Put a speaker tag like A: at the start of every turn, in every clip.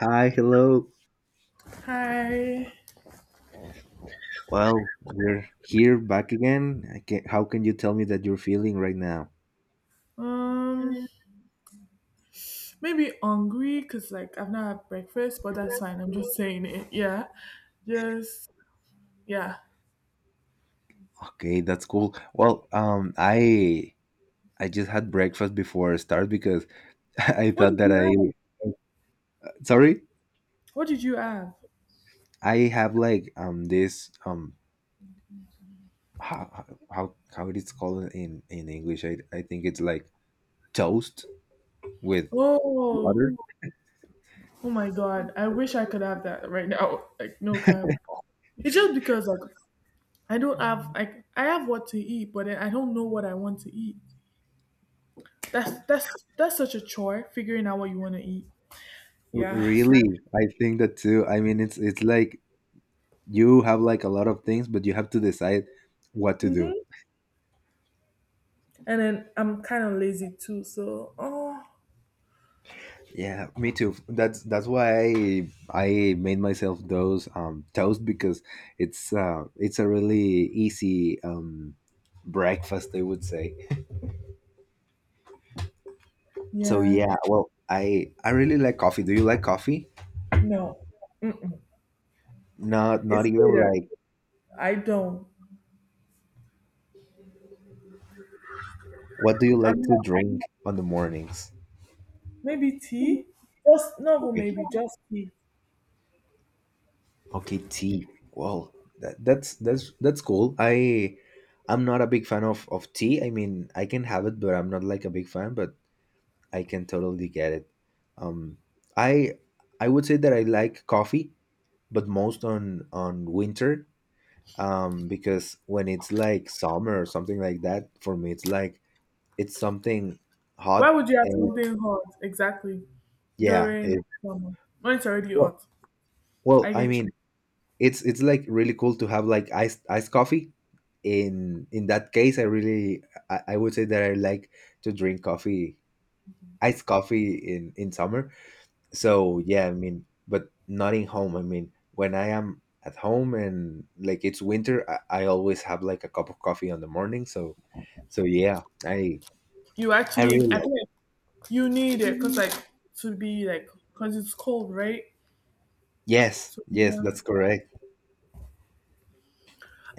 A: Hi, hello.
B: Hi.
A: Well, we're here back again. I can, how can you tell me that you're feeling right now?
B: Um, maybe hungry because like I've not had breakfast, but that's fine. I'm just saying it. Yeah. Just yeah.
A: Okay, that's cool. Well, I just had breakfast before I start because I
B: What
A: thought
B: did
A: that
B: you
A: I
B: have?
A: sorry
B: What did you have?
A: I have like this how how it is called in English. I think it's like toast with
B: Oh,
A: water.
B: oh my God. I wish I could have that right now. Like no cap. It's just because like I don't have like I have what to eat, but then I don't know what I want to eat. That's that's that's such a chore figuring out what you want to eat.
A: R-
B: Yeah.
A: really,
B: So.
A: I think that too. I mean, it's like you have like a lot of things, but you have to decide what to
B: Mhm.
A: do.
B: And then I'm kind of lazy too. So oh
A: Yeah, me too. That's why I made myself those toast because it's it's a really easy breakfast, I would say. So
B: yeah.
A: yeah, well, I really like coffee. Do you like coffee?
B: No. Mm-mm.
A: Not
B: It's
A: even
B: bitter.
A: like
B: I don't.
A: what do you like
B: I'm
A: to
B: not.
A: drink on the mornings?
B: Maybe tea? Just no, but
A: Okay,
B: maybe just tea.
A: okay, tea. Well, that's cool. I I'm not a big fan of tea. I mean, I can have it, but I'm not like a big fan. But I can totally get it. Um, I would say that I like coffee, but most on winter. Because when it's like summer or something like that, for me it's like it's something
B: Why
A: hot
B: would you have
A: and
B: something hot exactly
A: yeah.
B: during summer when it's already
A: Well,
B: hot?
A: well,
B: I
A: I
B: get
A: mean
B: you.
A: it's like really cool to have like iced coffee. In that case, I really I would say that I like to drink coffee, iced coffee in summer so yeah, I mean, but not in home. I mean, when I am at home and like it's winter, I always have like a cup of coffee on the morning. So so yeah,
B: You
A: I
B: actually,
A: really
B: I
A: like
B: think
A: it.
B: like you need it because like to be like because it's cold, right?
A: Yes,
B: So
A: yes,
B: yeah,
A: that's correct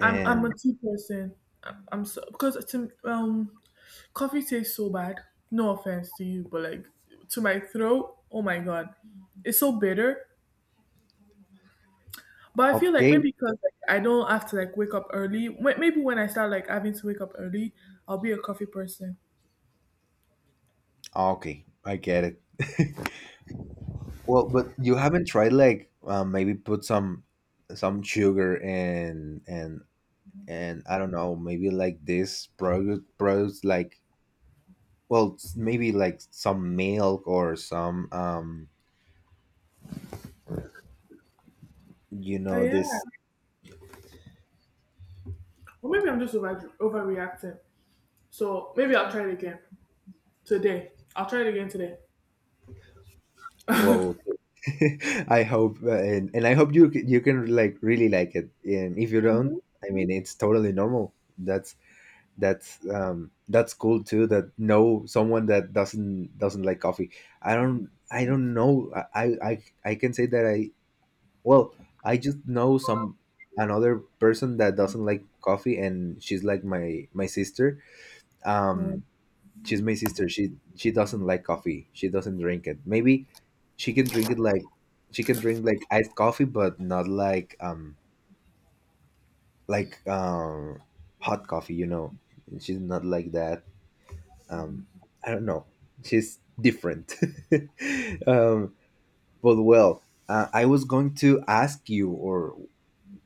B: I'm a tea person. I'm so because coffee tastes so bad. No offense to you, but like to my throat, oh my god, it's so bitter. But I feel like
A: okay,
B: maybe because like I don't have to like wake up early. Maybe when I start like having to wake up early, I'll be a coffee person.
A: okay, I get it. Well, but you haven't tried like maybe put some sugar and and I don't know, maybe like this products like, well, maybe like some milk or some you
B: Oh
A: know
B: yeah.
A: this
B: Or maybe I'm just overreacting. So maybe I'll try it again today. I'll try it again today.
A: well I hope and I hope you you can like really like it. And if you don't, I mean, it's totally normal. That's that's cool too, that no, someone that doesn't like coffee. I don't know. I I can say that I well I just know some another person that doesn't like coffee, and she's like my sister.
B: Mm.
A: um she's my sister. She doesn't like coffee. She doesn't drink it. Maybe she can drink it like she can drink like iced coffee, but not like like hot coffee. You know, she's not like that. Um, I don't know. She's different. um, but well, I was going to ask you, or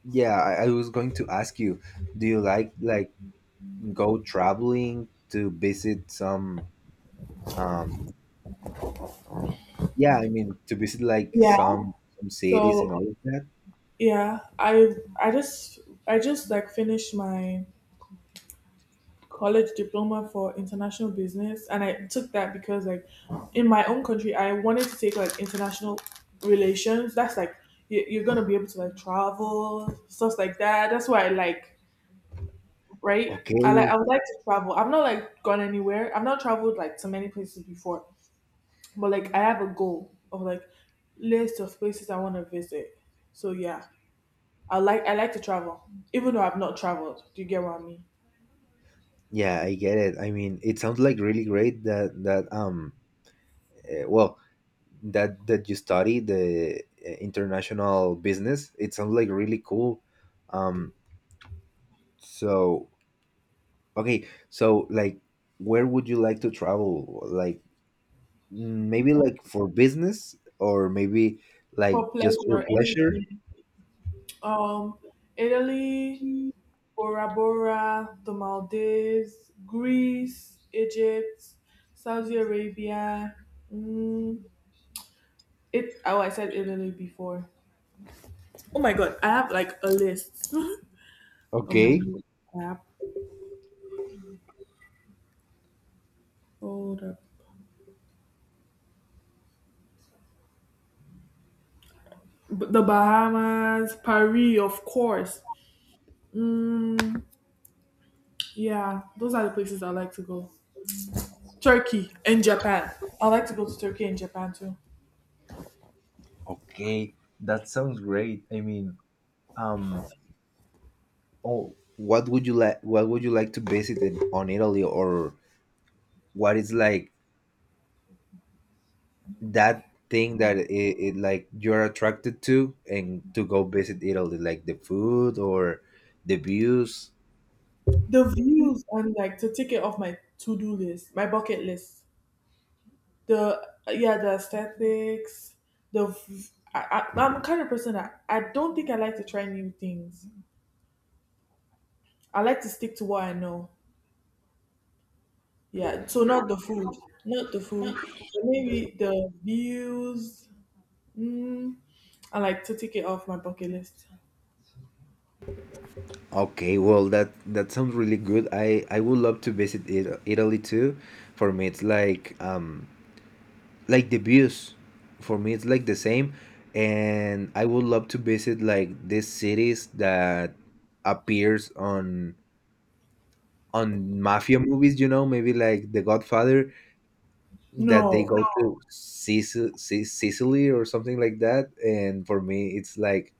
A: yeah, I was going to ask you. Do you like go traveling to visit some um yeah, I mean to visit like
B: Yeah.
A: some cities and
B: So
A: all of that.
B: yeah, I just I just like finished my college diploma for international business, and I took that because like in my own country I wanted to take like international relations. That's like you're gonna be able to like travel stuff like that. That's what I like, right?
A: Okay,
B: I would like to travel. I've not like gone anywhere. I've not traveled like to many places before, but like I have a goal of like list of places I want to visit. So yeah, I like to travel, even though I've not traveled. Do you get what I mean?
A: yeah, I get it. I mean, it sounds like really great that that well that that you study the international business. It sounds like really cool. Um, so okay, so like where would you like to travel? Like maybe like for business or maybe like
B: For
A: just for
B: pleasure.
A: pleasure?
B: Anything. um Italy, Bora Bora, the Maldives, Greece, Egypt, Saudi Arabia. Mm, it oh, I said Italy before. Oh my god, I have like a list on my
A: Okay,
B: new app. Hold up. The Bahamas, Paris, of course. Mm, yeah, those are the places I like to go. Turkey and Japan. I like to go to Turkey and Japan too.
A: okay, that sounds great. I mean, um Oh, what would you like? What would you like to visit in, on Italy, or what is like that thing that it like you're attracted to and to go visit Italy, like the food or the views?
B: The views and like to take it off my to-do list, my bucket list. The yeah, the aesthetics, the v- I am the kind of person that I don't think I like to try new things. I like to stick to what I know. Yeah, so not the food, not the food, but maybe the views. Mm, I like to take it off my bucket list.
A: Okay, well that that sounds really good. I would love to visit it, Italy too. For me, it's like the views. For me, it's like the same, and I would love to visit like these cities that appears on mafia movies, you know, maybe like The Godfather, that they
B: No,
A: go to Sicily or something like that. And for me, it's like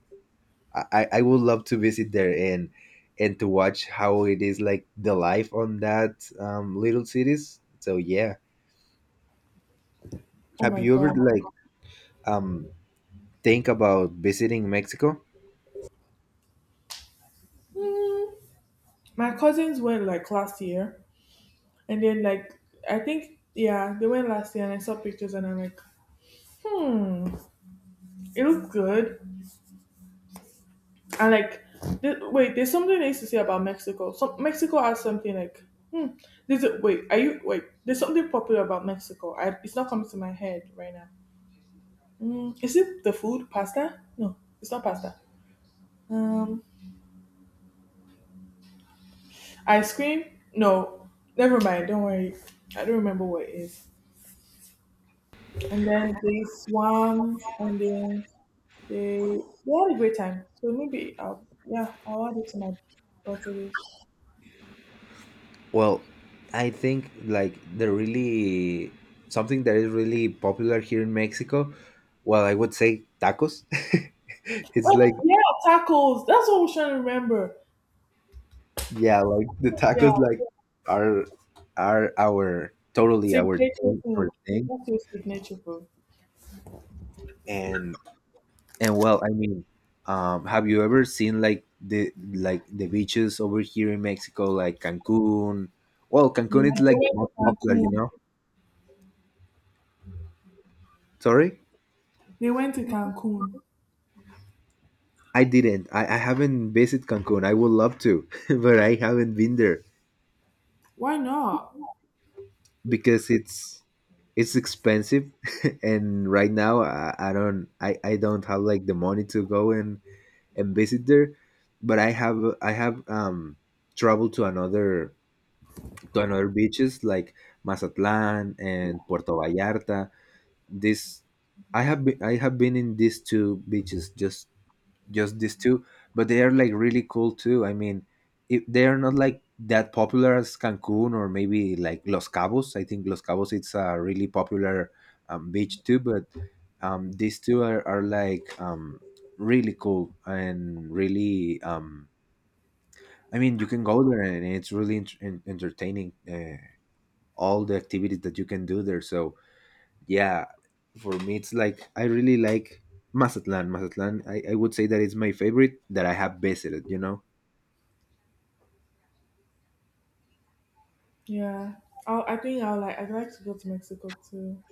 A: I would love to visit there and to watch how it is like the life on that little cities. So yeah,
B: oh
A: have
B: my
A: you ever
B: god.
A: like um think about visiting Mexico?
B: Mm, my cousins went like last year. And then like I think yeah, they went last year and I saw pictures and I'm like, hmm, it looked good. And like, wait, there's something I used to say about Mexico. So Mexico has something like, hmm, there's wait, are you wait? There's something popular about Mexico. It's not coming to my head right now. Mm, is it the food? Pasta? No, it's not pasta. Um, ice cream? No, never mind. Don't worry. I don't remember what it is. And then they swam, and then they had a great time. So maybe I'll yeah, I'll add it to my bucket list.
A: Well, I think like the really something that is really popular here in Mexico, well, I would say tacos. It's like
B: Oh yeah, tacos. That's what we should remember.
A: yeah, like the
B: Yeah.
A: tacos like are are our totally our
B: Signature
A: thing, our
B: food.
A: thing.
B: That's your signature food.
A: And and well, I mean, have you ever seen like the beaches over here in Mexico like Cancun? Well,
B: Yeah,
A: Cancun is
B: they
A: like the
B: went to
A: most popular, you
B: Cancun.
A: know. Sorry?
B: They went to Cancun.
A: I didn't. I haven't visited Cancun. I would love to, but I haven't been there
B: Why not?
A: because it's expensive, and right now I don't I don't have like the money to go and visit there. But I have traveled to another beaches like Mazatlan and Puerto Vallarta. This I have been in these two beaches just these two, but they are like really cool too. I mean, if they are not like that popular as Cancun or maybe like Los Cabos. I think Los Cabos, it's a really popular beach too, but these two are like really cool and really I mean, you can go there and it's really entertaining. All the activities that you can do there. So yeah, for me it's like I really like Mazatlan. I would say that it's my favorite that I have visited, you know.
B: Yeah. I'll, I think I'll like I'd like to go to Mexico too.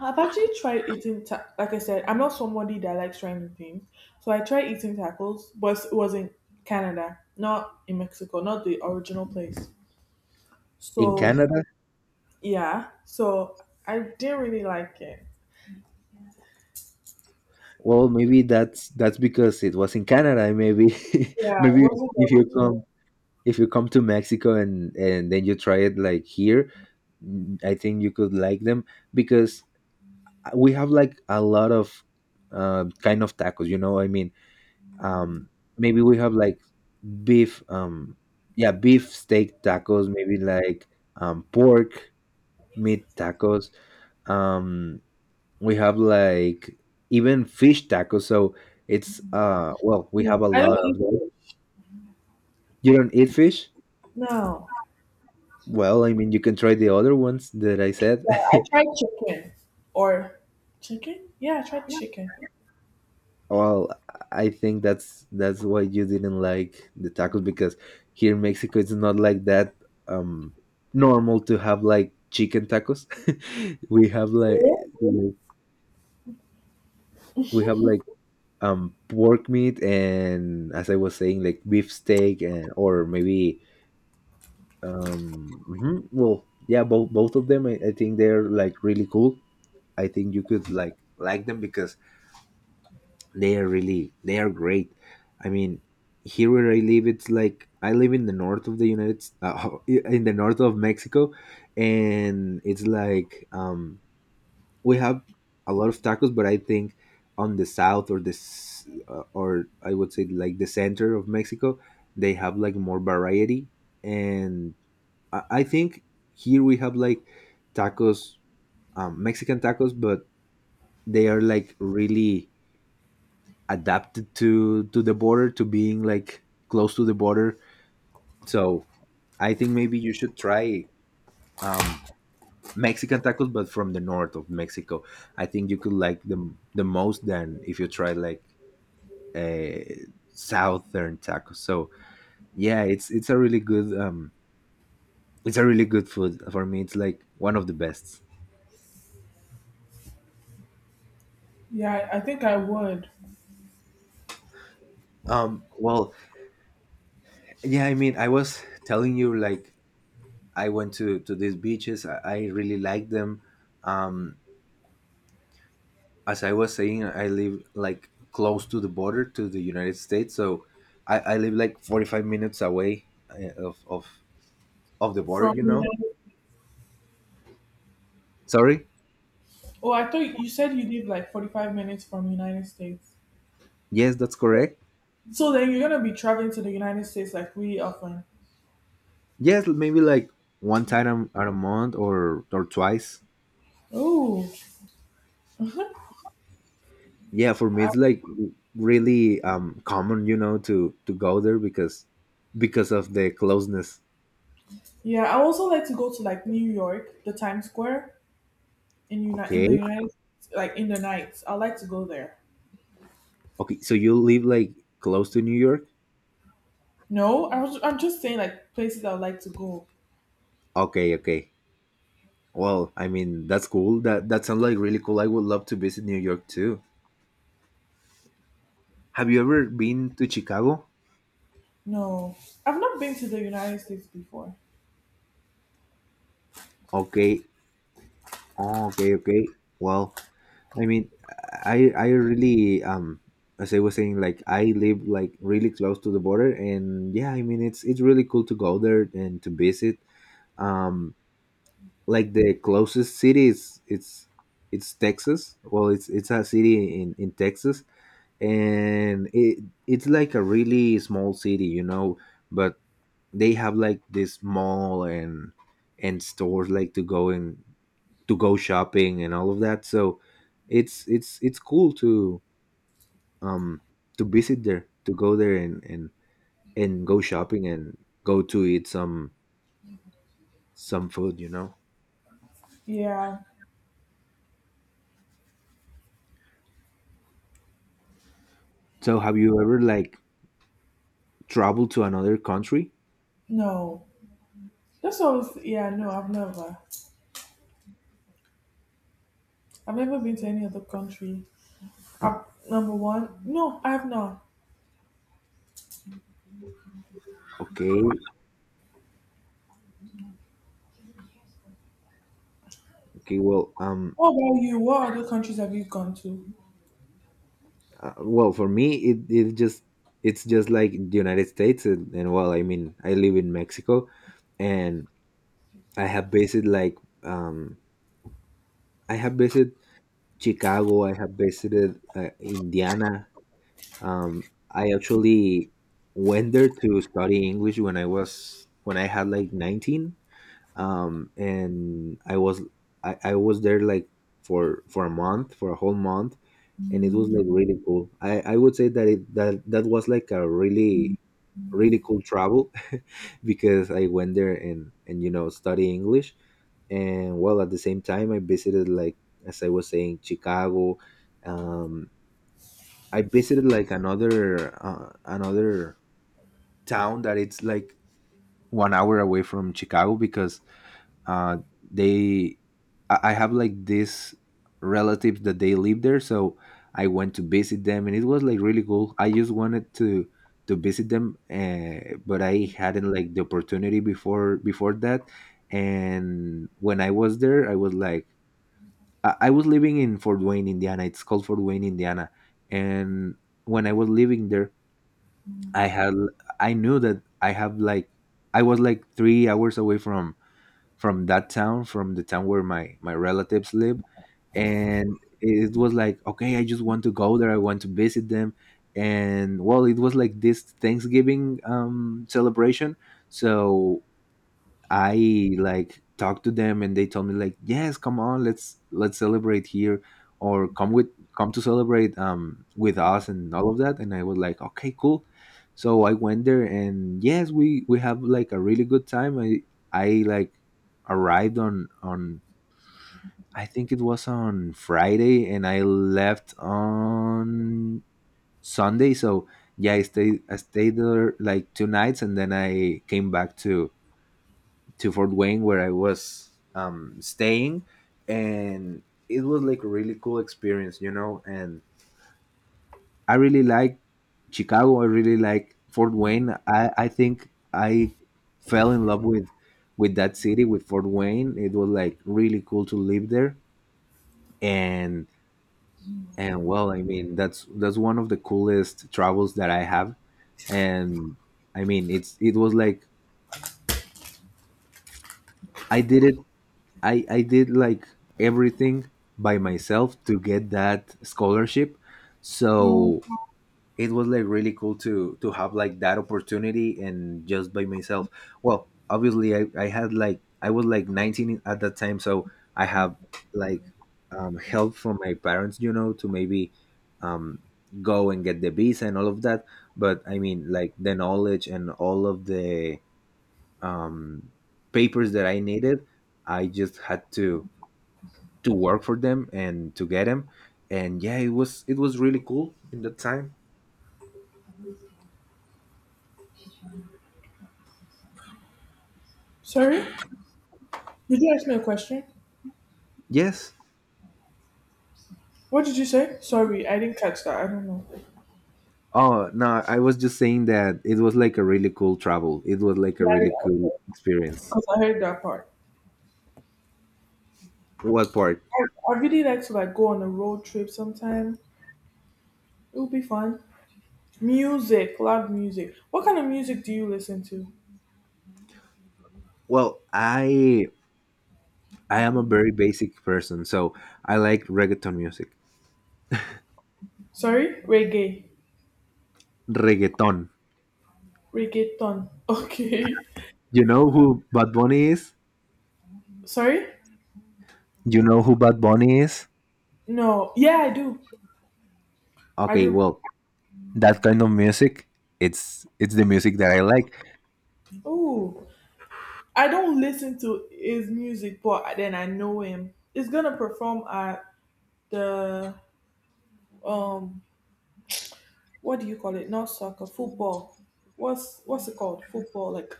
B: I've actually tried eating, like I said, I'm not somebody that likes trying new things. So I tried eating tacos, but it was in Canada, not in Mexico, not the original place.
A: In
B: So,
A: Canada.
B: yeah, so I didn't really like it.
A: Well, maybe that's because it was in Canada, maybe.
B: Yeah, it
A: Maybe
B: wasn't
A: if
B: the
A: you come
B: original.
A: if you come to Mexico and then you try it like here, I think you could like them because we have like a lot of kind of tacos, you know what I mean. um maybe we have like beef yeah, beef steak tacos, maybe like pork meat tacos, um we have like even fish tacos. So it's well, we have
B: No,
A: a
B: I
A: lot
B: don't
A: of
B: eat
A: them.
B: fish.
A: You don't eat fish.
B: No.
A: Well, I mean, you can try the other ones that I said.
B: I tried chicken. Or chicken? Yeah, I tried chicken.
A: Well, I think that's why you didn't like the tacos, because here in Mexico it's not like that um normal to have like chicken tacos. We have like we have like pork meat, and as I was saying, like beef steak, and or maybe mhm, well, yeah, both of them. I think they're like really cool. I think you could like them because they are really they are great. I mean, here where I live, it's like I live in the north of the in the north of Mexico. And it's like we have a lot of tacos, but I think on the south or this or I would say like the center of Mexico, they have like more variety, and I think here we have like tacos, Mexican tacos, but they are like really adapted to the border, to being like close to the border. So I think maybe you should try um, Mexican tacos, but from the north of Mexico. I think you could like them the most than if you try like uh, southern tacos. So yeah, it's a really good it's a really good food. For me, it's like one of the best.
B: Yeah, I think I would.
A: Well, yeah, I mean, I was telling you like I went to these beaches. I really like them. Um as I was saying, I live like close to the border to the United States. So I live like 45 minutes away of the border,
B: From
A: you know.
B: United.
A: Sorry?
B: Oh, I thought you said you live like 45 minutes from United States.
A: Yes, that's correct.
B: So then you're gonna be traveling to the United States like really often.
A: Yes, maybe like one time a month or twice.
B: Oh, I,
A: Yeah, for me it's like really common, you know, to go there because of the closeness.
B: yeah. I also like to go to like New York, the Times Square in the
A: Okay.
B: United States, like in the nights. I like to go there.
A: Okay, so you live like close to New York?
B: No, I'm just saying like places I would like to go.
A: Okay, okay. Well, I mean, that's cool. That that sounds like really cool. I would love to visit New York too. Have you ever been to Chicago?
B: No, I've not been to the United States before.
A: Okay. Oh, okay, okay. Well, I mean, I really as I was saying, like I live like really close to the border, and yeah, I mean it's really cool to go there and to visit. Um, like the closest city is it's Texas. Well, it's a city in Texas, and it's like a really small city, you know, but they have like this mall and stores like to go and to go shopping and all of that. So it's it's cool um to visit there, to go there and and go shopping and go to eat some food, you know.
B: Yeah,
A: So have you ever like traveled to another country?
B: no. That's all. Yeah, no, I've never. I've never been to any other country. I Number one, no, I have not.
A: Okay, okay. Well, um,
B: What about you? What other countries have you gone to?
A: uh, well for me it just it's just like the United States and well I mean I live in Mexico and I have visited like um I have visited Chicago. I have visited Indiana. Um, I actually went there to study English when I had like 19, and I was there like for a month, for a whole month, and it was like really cool. I would say that it that that was like a really really cool travel because I went there and and study English and well at the same time I visited, like as I was saying, Chicago. Um i visited like another another town that it's like 1 hour away from Chicago because uh they I have like this relatives that they live there, so I went to visit them and it was like really cool. I just wanted to visit them, but I hadn't like the opportunity before that. And when I was there I was like I was living in Fort Wayne, Indiana. It's called Fort Wayne, Indiana. And when I was living there, I had I knew that I have like I was like 3 hours away from that town, from the town where my relatives live, and it was like okay, I just want to go there. I want to visit them. And well, it was like this Thanksgiving celebration. So I like talked to them and they told me like, yes, come on, let's celebrate here, or come with come to celebrate with us and all of that. And I was like, okay, cool. So I went there and yes, we have like a really good time. I like arrived on I think it was on Friday and I left on Sunday. So yeah, I stayed there like 2 nights and then I came back to Fort Wayne where I was staying, and it was like a really cool experience, you know. And I really like Chicago. I really like Fort Wayne. I think I fell in love with that city, with Fort Wayne. It was like really cool to live there, and and well, I mean that's one of the coolest travels that I have, and I mean it was like I did it I did like everything by myself to get that scholarship.
B: No.
A: So it was like really cool to have like that opportunity and just by myself. Well, obviously I had like I was like 19 at that time, so I have like help from my parents, you know, to maybe um, go and get the visa and all of that. But I mean, like the knowledge and all of the um, papers that I needed, I just had to work for them and to get them. And yeah, it was really cool in that time.
B: Sorry? Did you ask me a question?
A: Yes.
B: What did you say? Sorry, I didn't catch that. I don't know.
A: Oh no, I was just saying that it was like a really cool travel. It was like a really cool
B: Yeah,
A: experience.
B: because I heard that part.
A: What part?
B: I really like to like go on a road trip sometime. It would be fun. Music, loud music. What kind of music do you listen to?
A: Well, I am a very basic person, so I like reggaeton music.
B: Sorry,
A: Reggaeton.
B: reggaeton. Okay.
A: You know who Bad Bunny is?
B: Sorry?
A: You know who Bad Bunny is?
B: No. Yeah, I do. I
A: Okay,
B: do.
A: well that kind of music, it's the music that I like.
B: Ooh, I don't listen to his music, but then I know him. He's gonna perform at the um what do you call it? Not soccer, football. What's it called? Football, like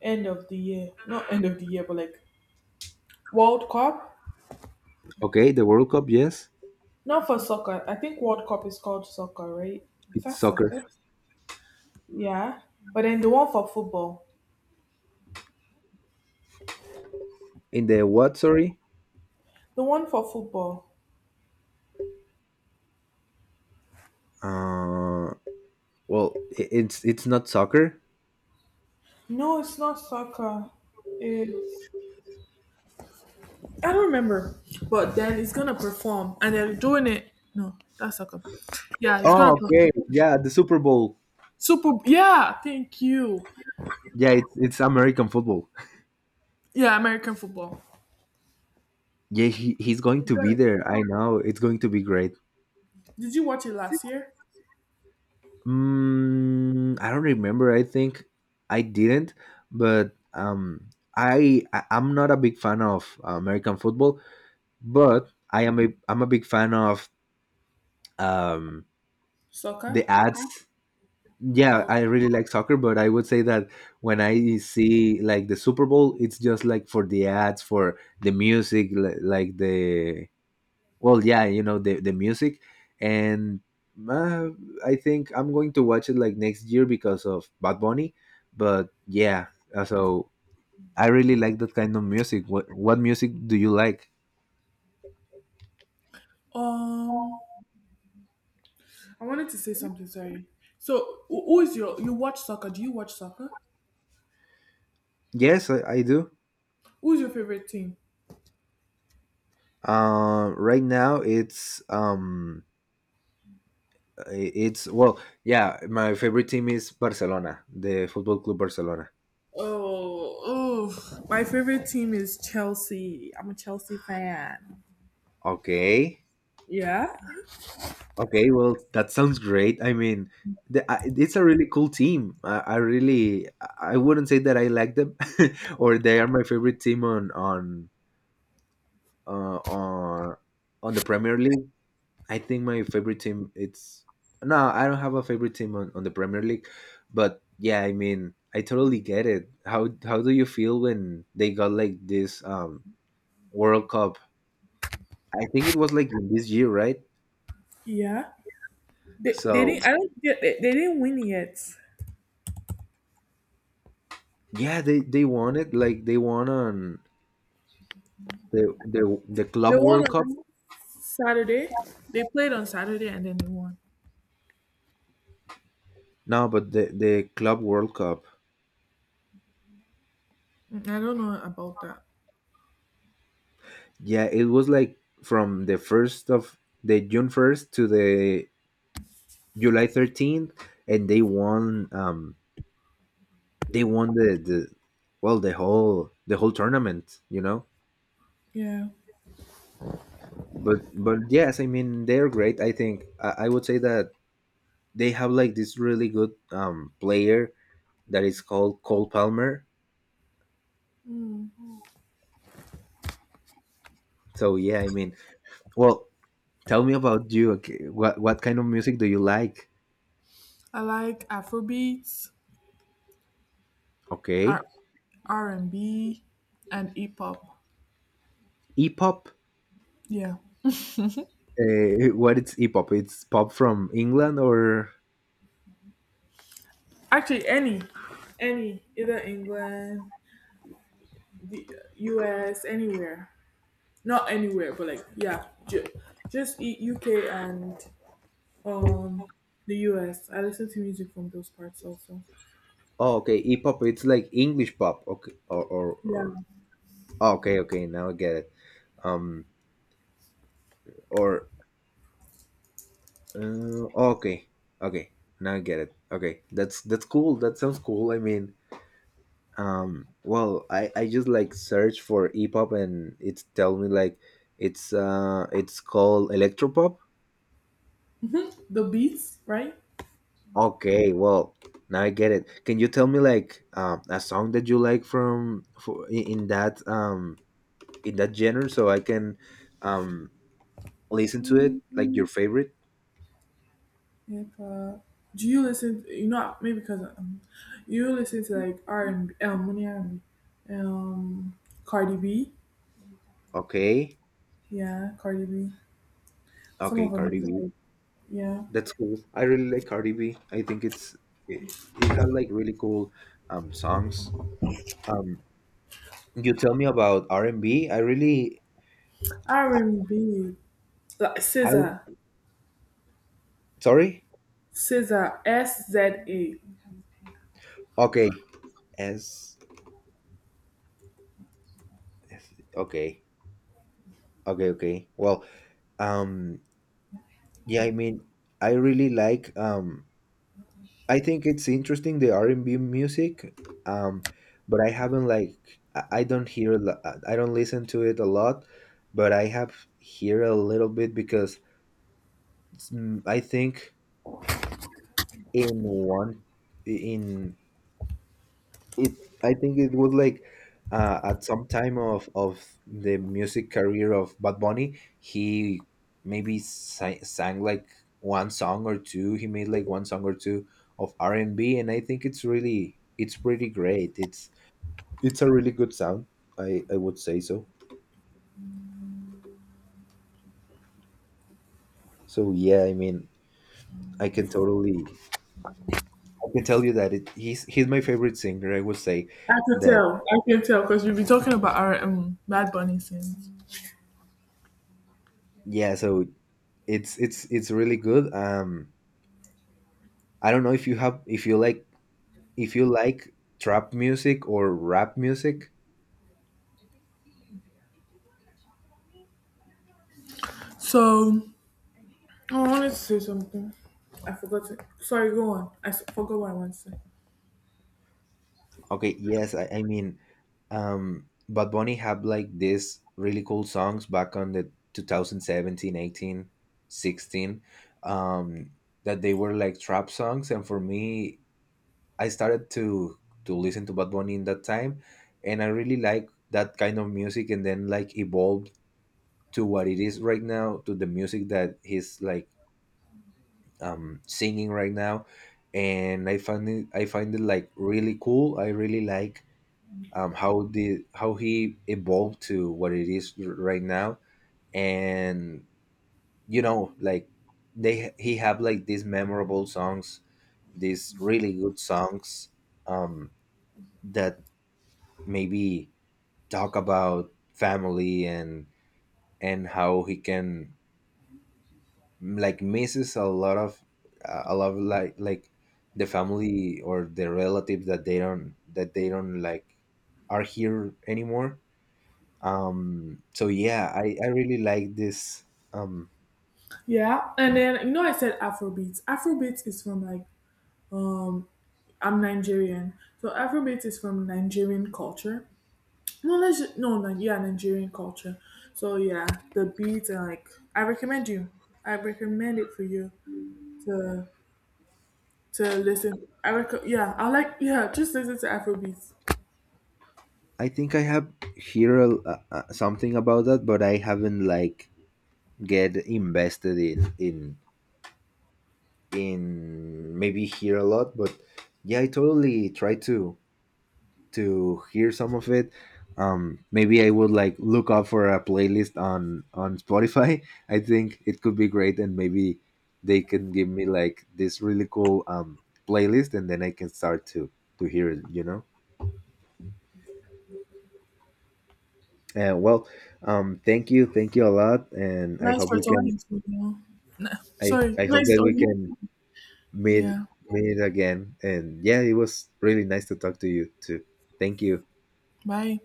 B: end of the year. Not end of the year, but like World Cup.
A: Okay, the World Cup, yes.
B: Not for soccer. I think World Cup is called soccer, right? Is
A: It's
B: that
A: soccer.
B: soccer? Yeah. But then the one for football.
A: In the what? Sorry.
B: The one for football.
A: Uh, well, it's it's not soccer.
B: No, it's not soccer. It's I don't remember. But then it's gonna perform and they're doing it. No, that's soccer. Yeah, it's gonna
A: Oh, okay.
B: perform.
A: Yeah, the Super Bowl.
B: Super yeah, thank you.
A: Yeah, it's American football.
B: Yeah, American football.
A: Yeah, he, he's going
B: It's
A: to
B: gonna
A: be there. I know it's going to be great.
B: Did you watch it last year?
A: Mm, I don't remember. I think I didn't, but I I'm not a big fan of American football, but I am a I'm a big fan of um
B: Soccer?
A: the ads. Yeah,
B: Oh, okay.
A: I really like soccer, but I would say that when I see like the Super Bowl, it's just like for the ads, for the music, like the well, yeah, you know the music, and uh, I think I'm going to watch it like next year because of Bad Bunny. But yeah, so I really like that kind of music. What music do you like?
B: Um, I wanted to say something. Sorry. So, wh- who is your you watch soccer? Do you watch soccer?
A: Yes, I do.
B: Who's your favorite team?
A: Right now it's it's well, yeah. My favorite team is Barcelona, the Football Club Barcelona.
B: Oh, my favorite team is Chelsea. I'm a Chelsea fan.
A: Okay,
B: Yeah,
A: okay. Well, that sounds great. I mean, the, I it's a really cool team. I really, I wouldn't say that I like them, or they are my favorite team on on the Premier League. I think my favorite team, it's no, I don't have a favorite team on the Premier League, but yeah, I mean, I totally get it. How do you feel when they got like this World Cup? I think it was like in this year, right?
B: yeah. They
A: So
B: didn't. I don't get. They didn't win yet.
A: yeah, they won it. Like they won on the the
B: They
A: Club
B: won
A: World
B: on
A: Cup.
B: Saturday. They played on Saturday and then they won.
A: No, but the Club World Cup.
B: Mm, I don't know about that.
A: Yeah, it was like from the first of the June 1st to the July 13th, and they won. They won the well the whole tournament. You know.
B: Yeah,
A: But yes, I mean they're great. I think I would say that they have like this really good player that is called Cole Palmer. So yeah, I mean, well, tell me about you. Okay, what kind of music do you like?
B: I like Afrobeats. R
A: Okay,
B: R and B and hip hop.
A: hip hop.
B: Yeah,
A: What is hip hop? It's pop from England or
B: actually, any, either England, the U.S., anywhere. Not anywhere, but like yeah, just EUK and um the US. I listen to music from those parts also.
A: oh, okay, hip hop. It's like English pop. Okay, or
B: Yeah.
A: oh, okay, okay. Now I get it. Um, or uh, okay, okay. Now I get it. Okay, that's cool. That sounds cool. I mean, well I just like search for epop and it's tell me like it's called electropop.
B: Mhm, the beats, right?
A: Okay, well, now I get it. Can you tell me like a song that you like from for in that genre so I can um listen to
B: Mm,
A: it, like your favorite.
B: hip hop. Do you listen? You know, maybe because you listen to like R&B, not R&B, um, Cardi B.
A: Okay.
B: Yeah, Cardi B. Some
A: Okay,
B: of her
A: Cardi B.
B: music. Yeah.
A: That's cool. I really like Cardi B. I think it's it, it has like really cool songs. um you tell me about R&B. I really
B: R&B. Like
A: I
B: Scissor.
A: sorry.
B: Scissor. SZA.
A: Okay. As as- okay. Okay, okay. Well, um yeah, I mean, I really like I think it's interesting the R&B music. Um but I haven't like I I don't hear a lo- I don't listen to it a lot, but I have hear a little bit because it's- mm, I think in one in it I think it was like at some time of the music career of Bad Bunny, he maybe sang like one song or two. He made like one song or two of r&b and B, and I think it's really it's pretty great. It's a really good sound, I would say so. So yeah, I mean, i can totally I can tell you that it, he's my favorite singer, I would say.
B: I can
A: That
B: tell. I can tell because you've been talking about our Bad Bunny since.
A: yeah, so it's really good. I don't know if you have if you like trap music or rap music.
B: So, I wanted to say something. I forgot it. Sorry, go on. Forgot what I wanted to say.
A: Okay, yes, I mean, Bad Bunny had like these really cool songs back on the 2017, 18, 16, um, that they were like trap songs. And for me, I started to listen to Bad Bunny in that time, and I really like that kind of music. And then like evolved to what it is right now, to the music that he's like singing right now, and I find it like really cool. I really like how the how he evolved to what it is right now, and you know like they he have like these memorable songs, these really good songs um, that maybe talk about family and how he can like misses a lot of like the family or the relatives that they don't like are here anymore. So yeah, I really like this. um
B: Yeah, and then you know I said Afrobeat. Afrobeat is from like um I'm Nigerian, so Afrobeat is from Nigerian culture. No, let's no, no, yeah, Nigerian culture. So yeah, the beats and like I recommend you. I recommend it for you to to listen. Yeah, I like yeah, just listen to Afrobeats.
A: i think I have here a, something about that, but I haven't like get invested in maybe here a lot, but yeah, I totally try to hear some of it. Maybe I would like look up for a playlist on Spotify. I think it could be great, and maybe they can give me like this really cool playlist, and then I can start to hear it. You know. Well, thank you a lot, and I
B: Nice
A: hope
B: for
A: we can.
B: talking to you. No,
A: I
B: sorry,
A: I hope
B: nice
A: that we
B: talking.
A: can meet
B: Yeah,
A: meet again. And yeah, it was really nice to talk to you too. Thank you.
B: bye.